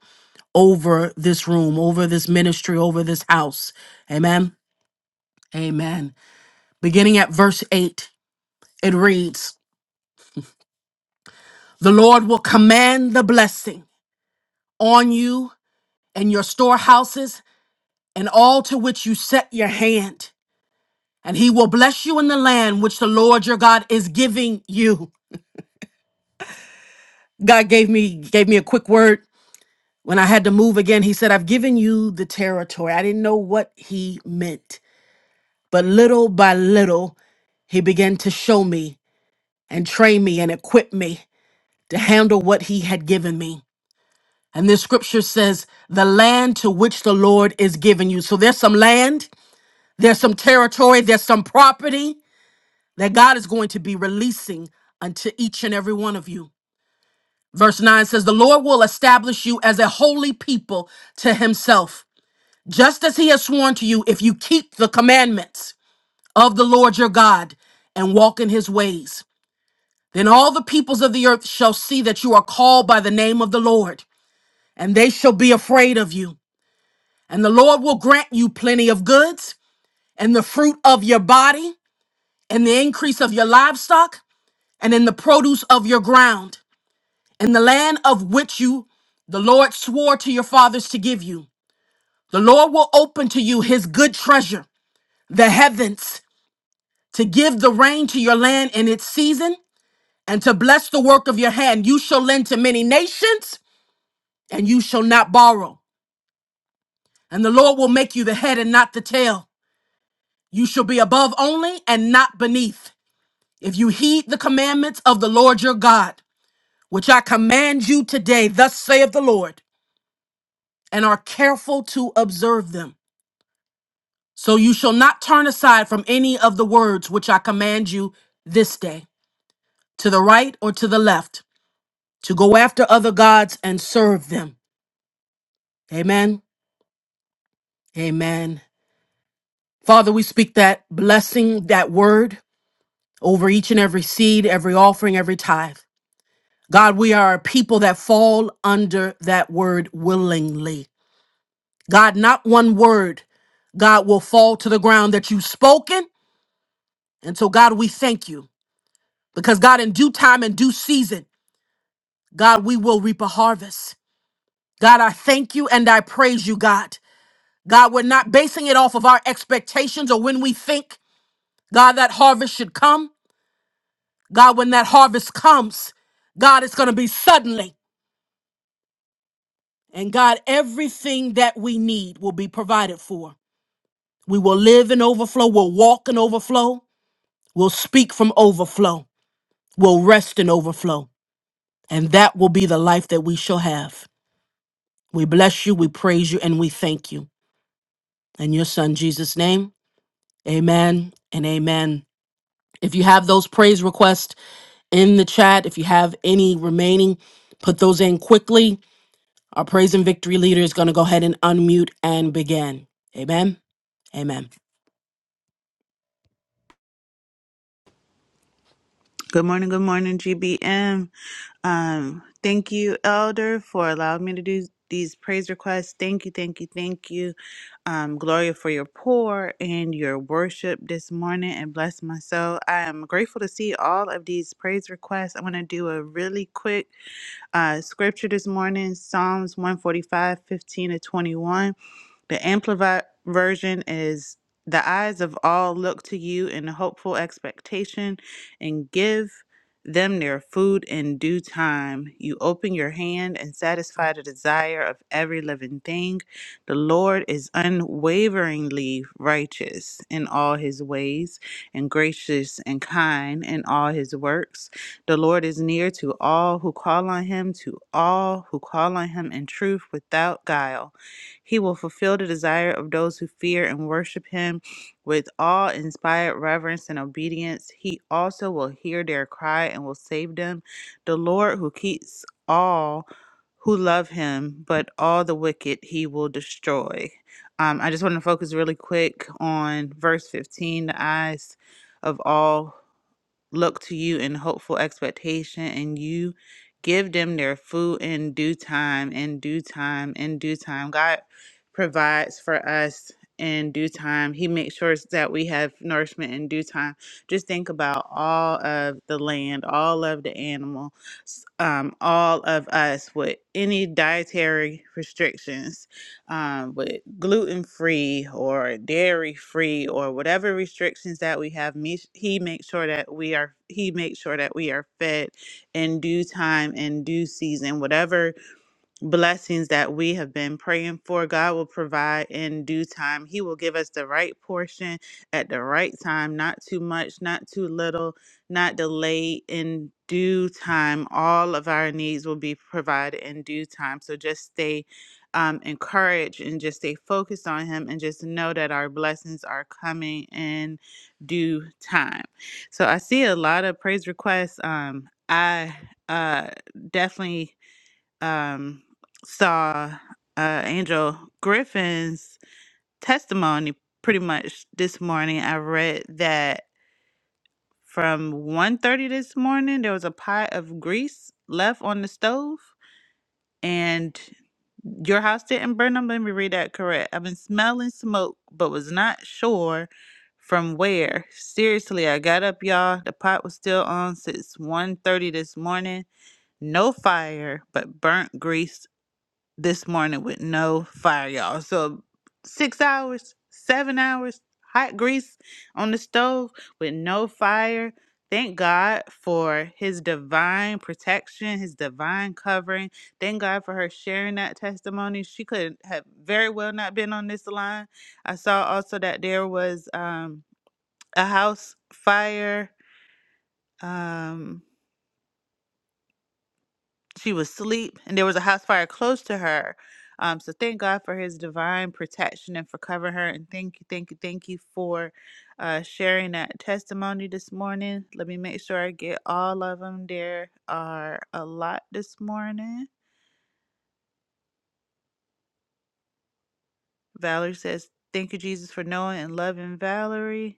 [SPEAKER 2] over this room, over this ministry, over this house. Amen. Amen. Beginning at verse 8, it reads, The Lord will command the blessing on you and your storehouses and all to which you set your hand. And he will bless you in the land which the Lord your God is giving you. God gave me gave me a quick word when I had to move again. He said, "I've given you the territory." I didn't know what he meant, but little by little, he began to show me and train me and equip me to handle what he had given me. And this scripture says, the land to which the Lord is giving you. So there's some land, there's some territory, there's some property that God is going to be releasing unto each and every one of you. Verse 9 says, The Lord will establish you as a holy people to himself, just as he has sworn to you, if you keep the commandments of the Lord your God and walk in his ways. Then all the peoples of the earth shall see that you are called by the name of the Lord, and they shall be afraid of you. And the Lord will grant you plenty of goods, and the fruit of your body, and the increase of your livestock, and in the produce of your ground, in the land of which you the Lord swore to your fathers to give you. The Lord will open to you his good treasure, the heavens, to give the rain to your land in its season, and to bless the work of your hand. You shall lend to many nations, and you shall not borrow. And the Lord will make you the head and not the tail. You shall be above only and not beneath. If you heed the commandments of the Lord your God, which I command you today, thus saith the Lord, and are careful to observe them, so you shall not turn aside from any of the words which I command you this day, to the right or to the left, to go after other gods and serve them. Amen. Amen. Father, we speak that blessing, that word over each and every seed, every offering, every tithe. God, we are a people that fall under that word willingly. God, not one word, God, will fall to the ground that you've spoken. And so, God, we thank you because, God, in due time and due season, God, we will reap a harvest. God, I thank you and I praise you, God. God, we're not basing it off of our expectations or when we think, God, that harvest should come. God, when that harvest comes, God, it's going to be suddenly. And God, everything that we need will be provided for. We will live in overflow. We'll walk in overflow. We'll speak from overflow. will rest and overflow. And that will be the life that we shall have. We bless you, we praise you, and we thank you. In your son Jesus' name, amen and amen. If you have those praise requests in the chat, if you have any remaining, put those in quickly. Our praise and victory leader is going to go ahead and unmute and begin. Amen. Amen.
[SPEAKER 4] Good morning, good morning, GBM. Um, thank you, Elder, for allowing me to do these praise requests. Thank you, thank you, thank you, um, Gloria, for your pour and your worship this morning, and bless my soul. I am grateful to see all of these praise requests. I'm going to do a really quick uh, scripture this morning, Psalms one forty-five, fifteen to 21. The Amplified Version is The eyes of all look to you in hopeful expectation and give them their food in due time. You open your hand and satisfy the desire of every living thing. The Lord is unwaveringly righteous in all his ways and gracious and kind in all his works. The Lord is near to all who call on him, to all who call on him in truth without guile. He will fulfill the desire of those who fear and worship him with awe inspired reverence and obedience. He also will hear their cry and will save them. The Lord who keeps all who love him, but all the wicked he will destroy. Um, I just want to focus really quick on verse 15 the eyes of all look to you in hopeful expectation, and you give them their food in due time, in due time, in due time. God provides for us in due time. He makes sure that we have nourishment in due time. Just think about all of the land, all of the animal, s- um, all of us with any dietary restrictions um, with gluten free or dairy free or whatever restrictions that we have. Me, he makes sure that we are he makes sure that we are fed in due time and due season, whatever blessings that we have been praying for. God will provide in due time. He will give us the right portion at the right time, not too much, not too little, not delayed in due time. All of our needs will be provided in due time. So just stay um, encouraged and just stay focused on Him and just know that our blessings are coming in due time. So I see a lot of praise requests. Um, I uh, definitely um, saw uh, Angel Griffin's testimony pretty much this morning. I read that from 1.30 this morning, there was a pot of grease left on the stove. And your house didn't burn them. Let me read that correct. I've been smelling smoke, but was not sure from where. Seriously, I got up, y'all. The pot was still on since 1.30 this morning. No fire, but burnt grease this morning with no fire, y'all. So six hours, seven hours, hot grease on the stove with no fire. Thank God for his divine protection, his divine covering. Thank God for her sharing that testimony. She could have very well not been on this line. I saw also that there was um, a house fire. Um, she was asleep and there was a house fire close to her. Um, so thank God for his divine protection and for covering her. And thank you, thank you, thank you for uh, sharing that testimony this morning. Let me make sure I get all of them. There are a lot this morning. Valerie says, Thank you, Jesus, for knowing and loving Valerie.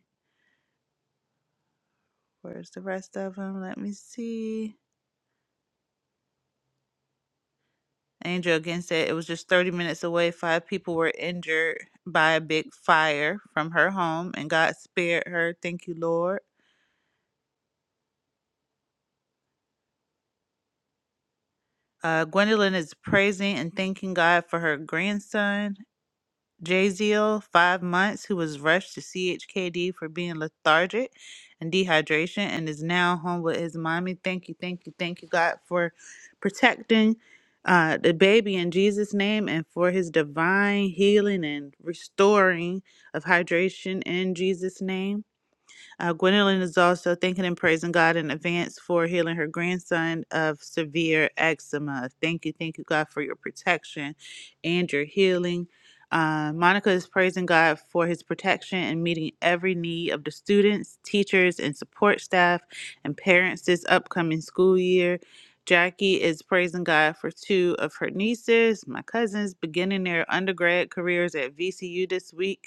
[SPEAKER 4] Where's the rest of them? Let me see. Angel again said it was just 30 minutes away. Five people were injured by a big fire from her home, and God spared her. Thank you, Lord. Uh, Gwendolyn is praising and thanking God for her grandson. Jaziel, five months, who was rushed to CHKD for being lethargic and dehydration and is now home with his mommy. Thank you, thank you, thank you, God, for protecting uh, the baby in Jesus' name and for his divine healing and restoring of hydration in Jesus' name. Uh, Gwendolyn is also thanking and praising God in advance for healing her grandson of severe eczema. Thank you, thank you, God, for your protection and your healing. Uh, Monica is praising God for his protection and meeting every need of the students, teachers, and support staff and parents this upcoming school year. Jackie is praising God for two of her nieces, my cousins, beginning their undergrad careers at VCU this week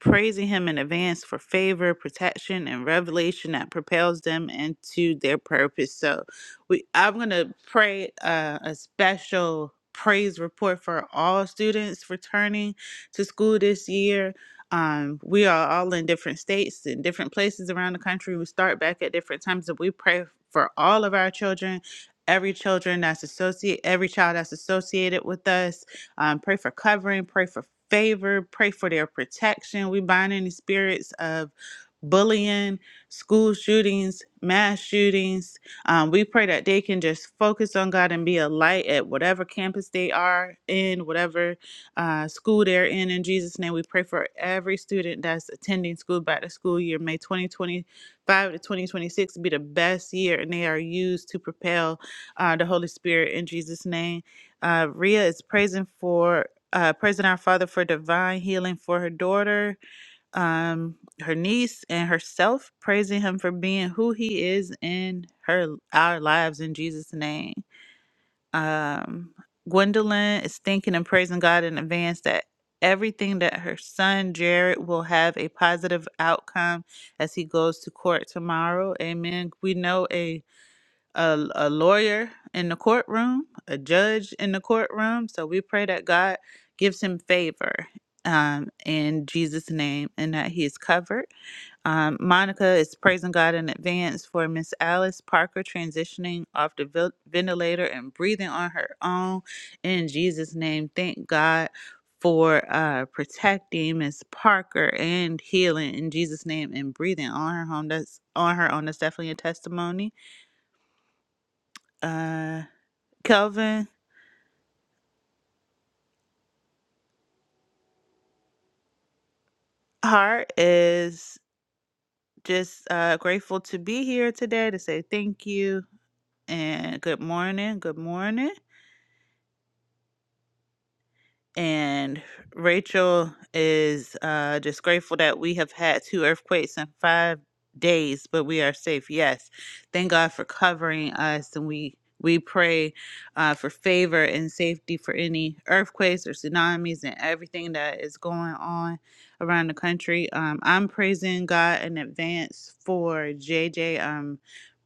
[SPEAKER 4] praising him in advance for favor, protection, and revelation that propels them into their purpose. So we I'm gonna pray uh, a special praise report for all students returning to school this year. Um, we are all in different states and different places around the country. We start back at different times, and we pray for all of our children, every children that's associate, every child that's associated with us um, pray for covering, pray for favor, pray for their protection. We bind any spirits of bullying, school shootings, mass shootings. Um, we pray that they can just focus on God and be a light at whatever campus they are in, whatever uh, school they're in. In Jesus' name, we pray for every student that's attending school back to school year. May 2025 to 2026 be the best year, and they are used to propel uh, the Holy Spirit in Jesus' name. Uh, Rhea is praising for uh, praising our Father for divine healing for her daughter, um, her niece, and herself. Praising Him for being who He is in her our lives in Jesus' name. Um, Gwendolyn is thanking and praising God in advance that everything that her son Jared will have a positive outcome as he goes to court tomorrow. Amen. We know a a, a lawyer in the courtroom, a judge in the courtroom. So we pray that God gives him favor um, in Jesus' name and that he is covered. Um, Monica is praising God in advance for Miss Alice Parker transitioning off the vil- ventilator and breathing on her own in Jesus' name. Thank God for uh, protecting Miss Parker and healing in Jesus' name and breathing on her home. That's on her own. That's definitely a testimony. Uh, Kelvin Hart is just uh, grateful to be here today to say thank you and good morning. Good morning. and Rachel is uh, just grateful that we have had two earthquakes in five days, but we are safe. Yes, thank God for covering us, and we we pray uh, for favor and safety for any earthquakes or tsunamis and everything that is going on around the country. Um, I'm praising God in advance for JJ. Um,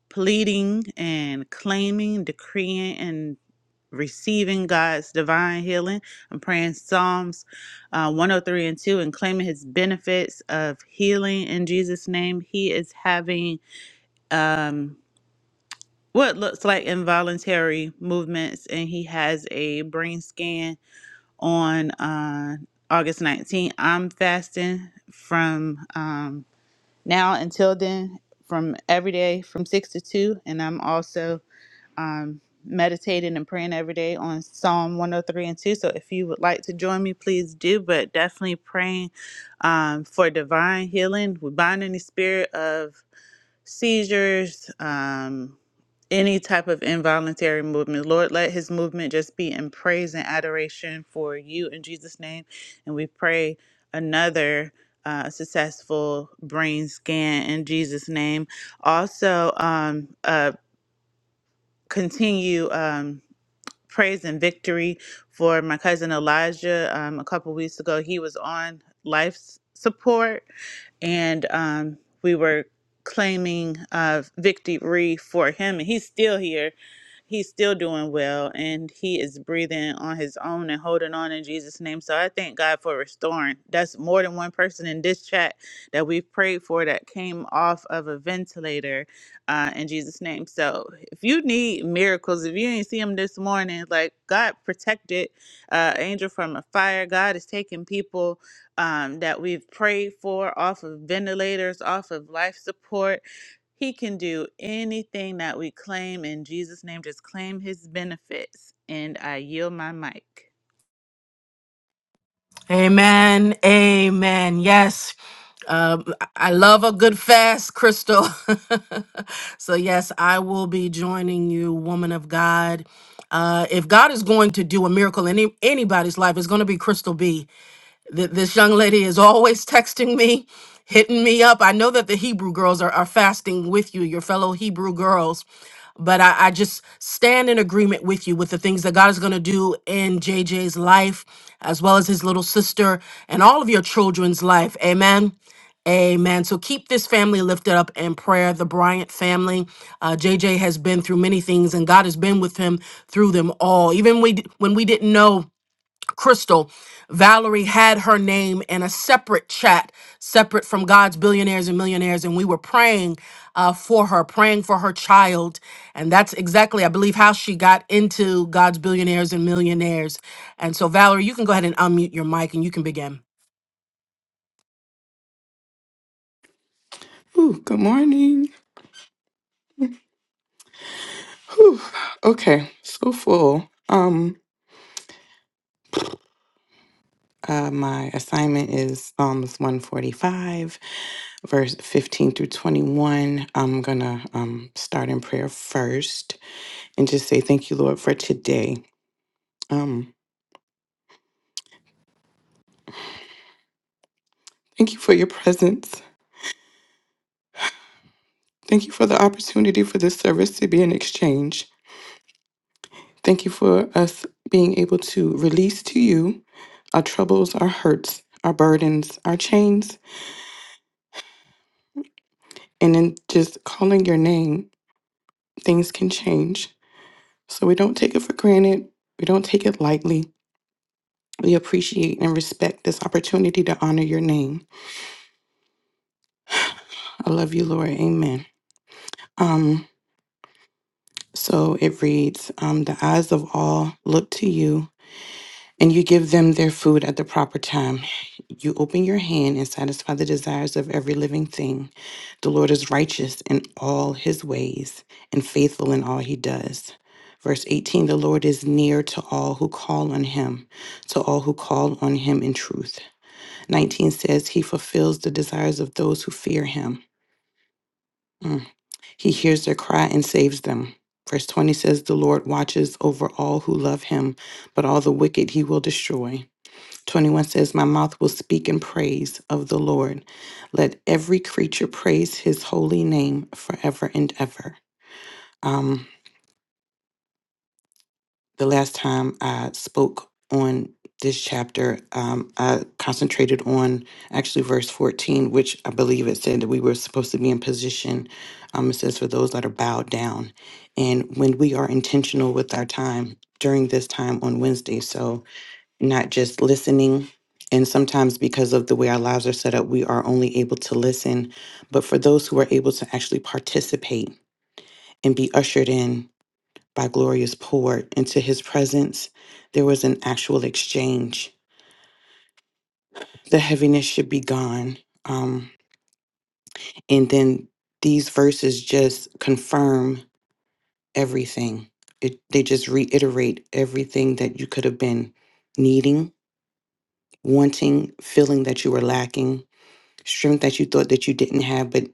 [SPEAKER 4] pleading and claiming, decreeing, and receiving God's divine healing. I'm praying Psalms uh, 103 and 2 and claiming his benefits of healing in Jesus' name. He is having um, what looks like involuntary movements, and he has a brain scan on uh, August 19th. I'm fasting from um, now until then. From every day from six to two, and I'm also um, meditating and praying every day on Psalm 103 and 2. So if you would like to join me, please do, but definitely praying um, for divine healing. We bind any spirit of seizures, um, any type of involuntary movement. Lord, let his movement just be in praise and adoration for you in Jesus' name. And we pray another. Uh, successful brain scan in Jesus' name. Also, um, uh, continue. Um, praise and victory for my cousin Elijah. Um, a couple weeks ago, he was on life s- support, and um, we were claiming uh, victory for him, and he's still here he's still doing well and he is breathing on his own and holding on in Jesus' name. So I thank God for restoring. That's more than one person in this chat that we've prayed for that came off of a ventilator uh, in Jesus' name. So if you need miracles, if you ain't see them this morning, like God protected uh, Angel from a fire. God is taking people um, that we've prayed for off of ventilators, off of life support he can do anything that we claim in Jesus' name. Just claim his benefits. And I yield my mic.
[SPEAKER 2] Amen. Amen. Yes. Um, I love a good fast, Crystal. so, yes, I will be joining you, woman of God. Uh, if God is going to do a miracle in any, anybody's life, it's going to be Crystal B. Th- this young lady is always texting me, hitting me up. I know that the Hebrew girls are, are fasting with you, your fellow Hebrew girls, but I, I just stand in agreement with you with the things that God is going to do in JJ's life, as well as his little sister and all of your children's life. Amen. Amen. So keep this family lifted up in prayer. The Bryant family, uh, JJ has been through many things, and God has been with him through them all. Even we, d- when we didn't know Crystal, Valerie had her name in a separate chat, separate from God's billionaires and millionaires, and we were praying uh, for her, praying for her child, and that's exactly, I believe, how she got into God's billionaires and millionaires. And so, Valerie, you can go ahead and unmute your mic, and you can begin.
[SPEAKER 5] Ooh, good morning. Whew. Okay, so full. Um, uh, my assignment is Psalms 145, verse 15 through 21. I'm gonna um start in prayer first and just say thank you, Lord, for today. Um, thank you for your presence. Thank you for the opportunity for this service to be an exchange. Thank you for us being able to release to you our troubles, our hurts, our burdens, our chains, and then just calling your name things can change. So we don't take it for granted. We don't take it lightly. We appreciate and respect this opportunity to honor your name. I love you, Lord. Amen. Um, so it reads, um, The eyes of all look to you, and you give them their food at the proper time. You open your hand and satisfy the desires of every living thing. The Lord is righteous in all his ways and faithful in all he does. Verse 18 The Lord is near to all who call on him, to all who call on him in truth. 19 says, He fulfills the desires of those who fear him. Mm. He hears their cry and saves them. Verse 20 says, The Lord watches over all who love him, but all the wicked he will destroy. 21 says, My mouth will speak in praise of the Lord. Let every creature praise his holy name forever and ever. Um, the last time I spoke on this chapter, um, I concentrated on actually verse 14, which I believe it said that we were supposed to be in position. Um, it says, For those that are bowed down. And when we are intentional with our time during this time on Wednesday, so not just listening. And sometimes, because of the way our lives are set up, we are only able to listen. But for those who are able to actually participate and be ushered in by Gloria's pour into his presence, there was an actual exchange. The heaviness should be gone. Um, and then these verses just confirm everything, it, they just reiterate everything that you could have been needing, wanting, feeling that you were lacking strength that you thought that you didn't have but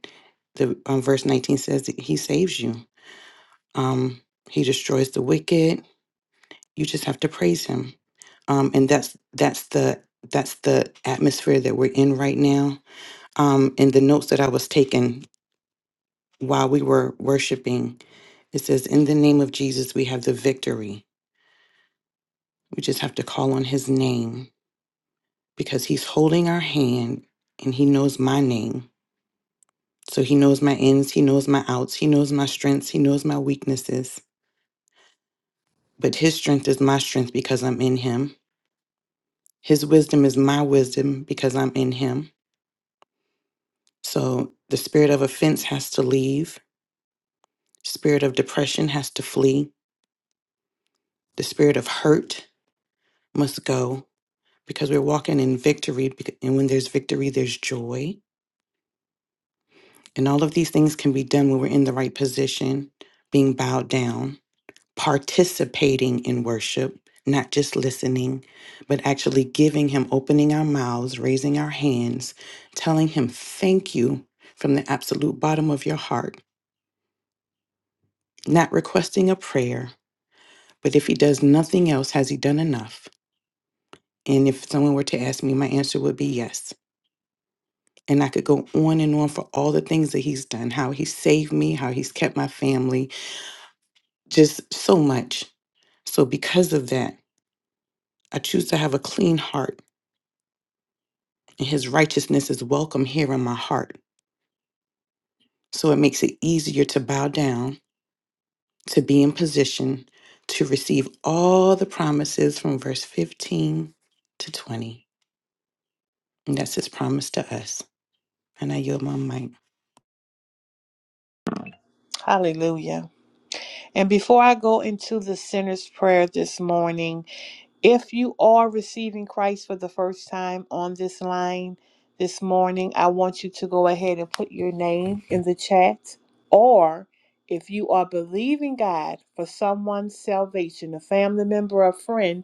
[SPEAKER 5] the um, verse 19 says that he saves you um he destroys the wicked you just have to praise him um and that's that's the that's the atmosphere that we're in right now um and the notes that i was taking while we were worshiping it says in the name of jesus we have the victory we just have to call on his name because he's holding our hand and he knows my name So he knows my ins, he knows my outs, he knows my strengths, he knows my weaknesses. But his strength is my strength because I'm in him. His wisdom is my wisdom because I'm in him. So the spirit of offense has to leave, spirit of depression has to flee, the spirit of hurt must go because we're walking in victory bec- and when there's victory there's joy. And all of these things can be done when we're in the right position, being bowed down. participating in worship, not just listening, but actually giving Him, opening our mouths, raising our hands, telling Him thank you from the absolute bottom of your heart, not requesting a prayer, but if He does nothing else, has He done enough? And if someone were to ask me, my answer would be yes. And I could go on and on for all the things that he's done, how he saved me, how he's kept my family, just so much. So, because of that, I choose to have a clean heart and his righteousness is welcome here in my heart. So it makes it easier to bow down, to be in position to receive all the promises from verse 15 to 20. And that's his promise to us. And I yield my mic.
[SPEAKER 1] Hallelujah. And before I go into the sinner's prayer this morning, if you are receiving Christ for the first time on this line this morning, I want you to go ahead and put your name in the chat. Or if you are believing God for someone's salvation, a family member or friend,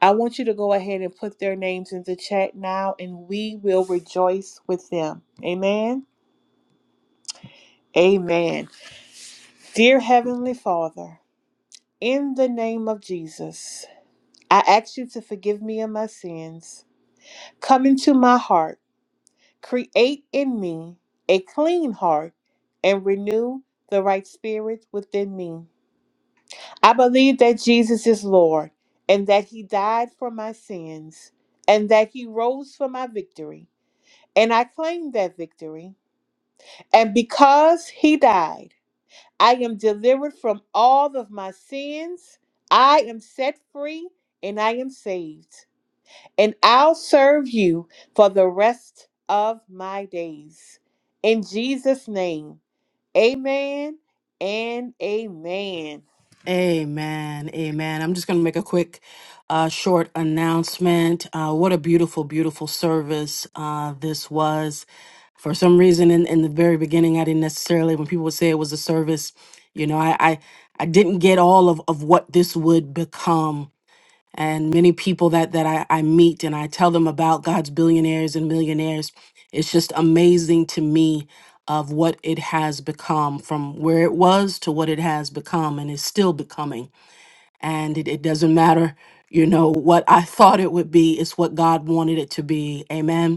[SPEAKER 1] I want you to go ahead and put their names in the chat now, and we will rejoice with them. Amen. Amen. Dear Heavenly Father, in the name of Jesus, I ask you to forgive me of my sins. Come into my heart, create in me a clean heart, and renew the right spirit within me. I believe that Jesus is Lord, and that He died for my sins, and that He rose for my victory. and I claim that victory. And because he died, I am delivered from all of my sins. I am set free and I am saved. And I'll serve you for the rest of my days. In Jesus' name, amen and amen.
[SPEAKER 2] Amen. Amen. I'm just going to make a quick, uh, short announcement. Uh, what a beautiful, beautiful service uh, this was. For some reason, in, in the very beginning, I didn't necessarily, when people would say it was a service, you know, I, I, I didn't get all of, of what this would become and many people that that I, I meet and I tell them about God's billionaires and millionaires. It's just amazing to me of what it has become from where it was to what it has become and is still becoming. And it, it doesn't matter, you know, what I thought it would be, it's what God wanted it to be. Amen.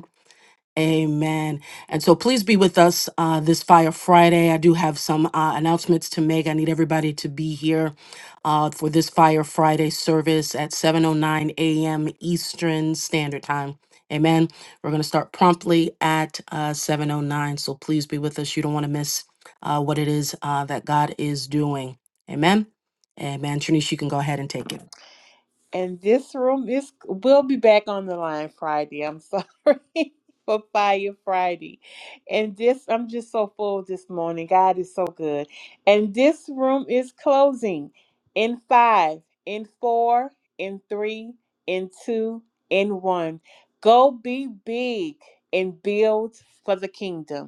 [SPEAKER 2] Amen. And so please be with us uh, this Fire Friday. I do have some uh, announcements to make. I need everybody to be here uh, for this Fire Friday service at 7.09 a.m. Eastern Standard Time. Amen. We're going to start promptly at uh, 7.09. So please be with us. You don't want to miss uh, what it is uh, that God is doing. Amen. Amen. Trinice, you can go ahead and take it.
[SPEAKER 1] And this room is we'll be back on the line Friday. I'm sorry for Fire Friday. And this I'm just so full this morning. God is so good. And this room is closing in five, in four, in three, in two, in one. Go be big and build for the kingdom.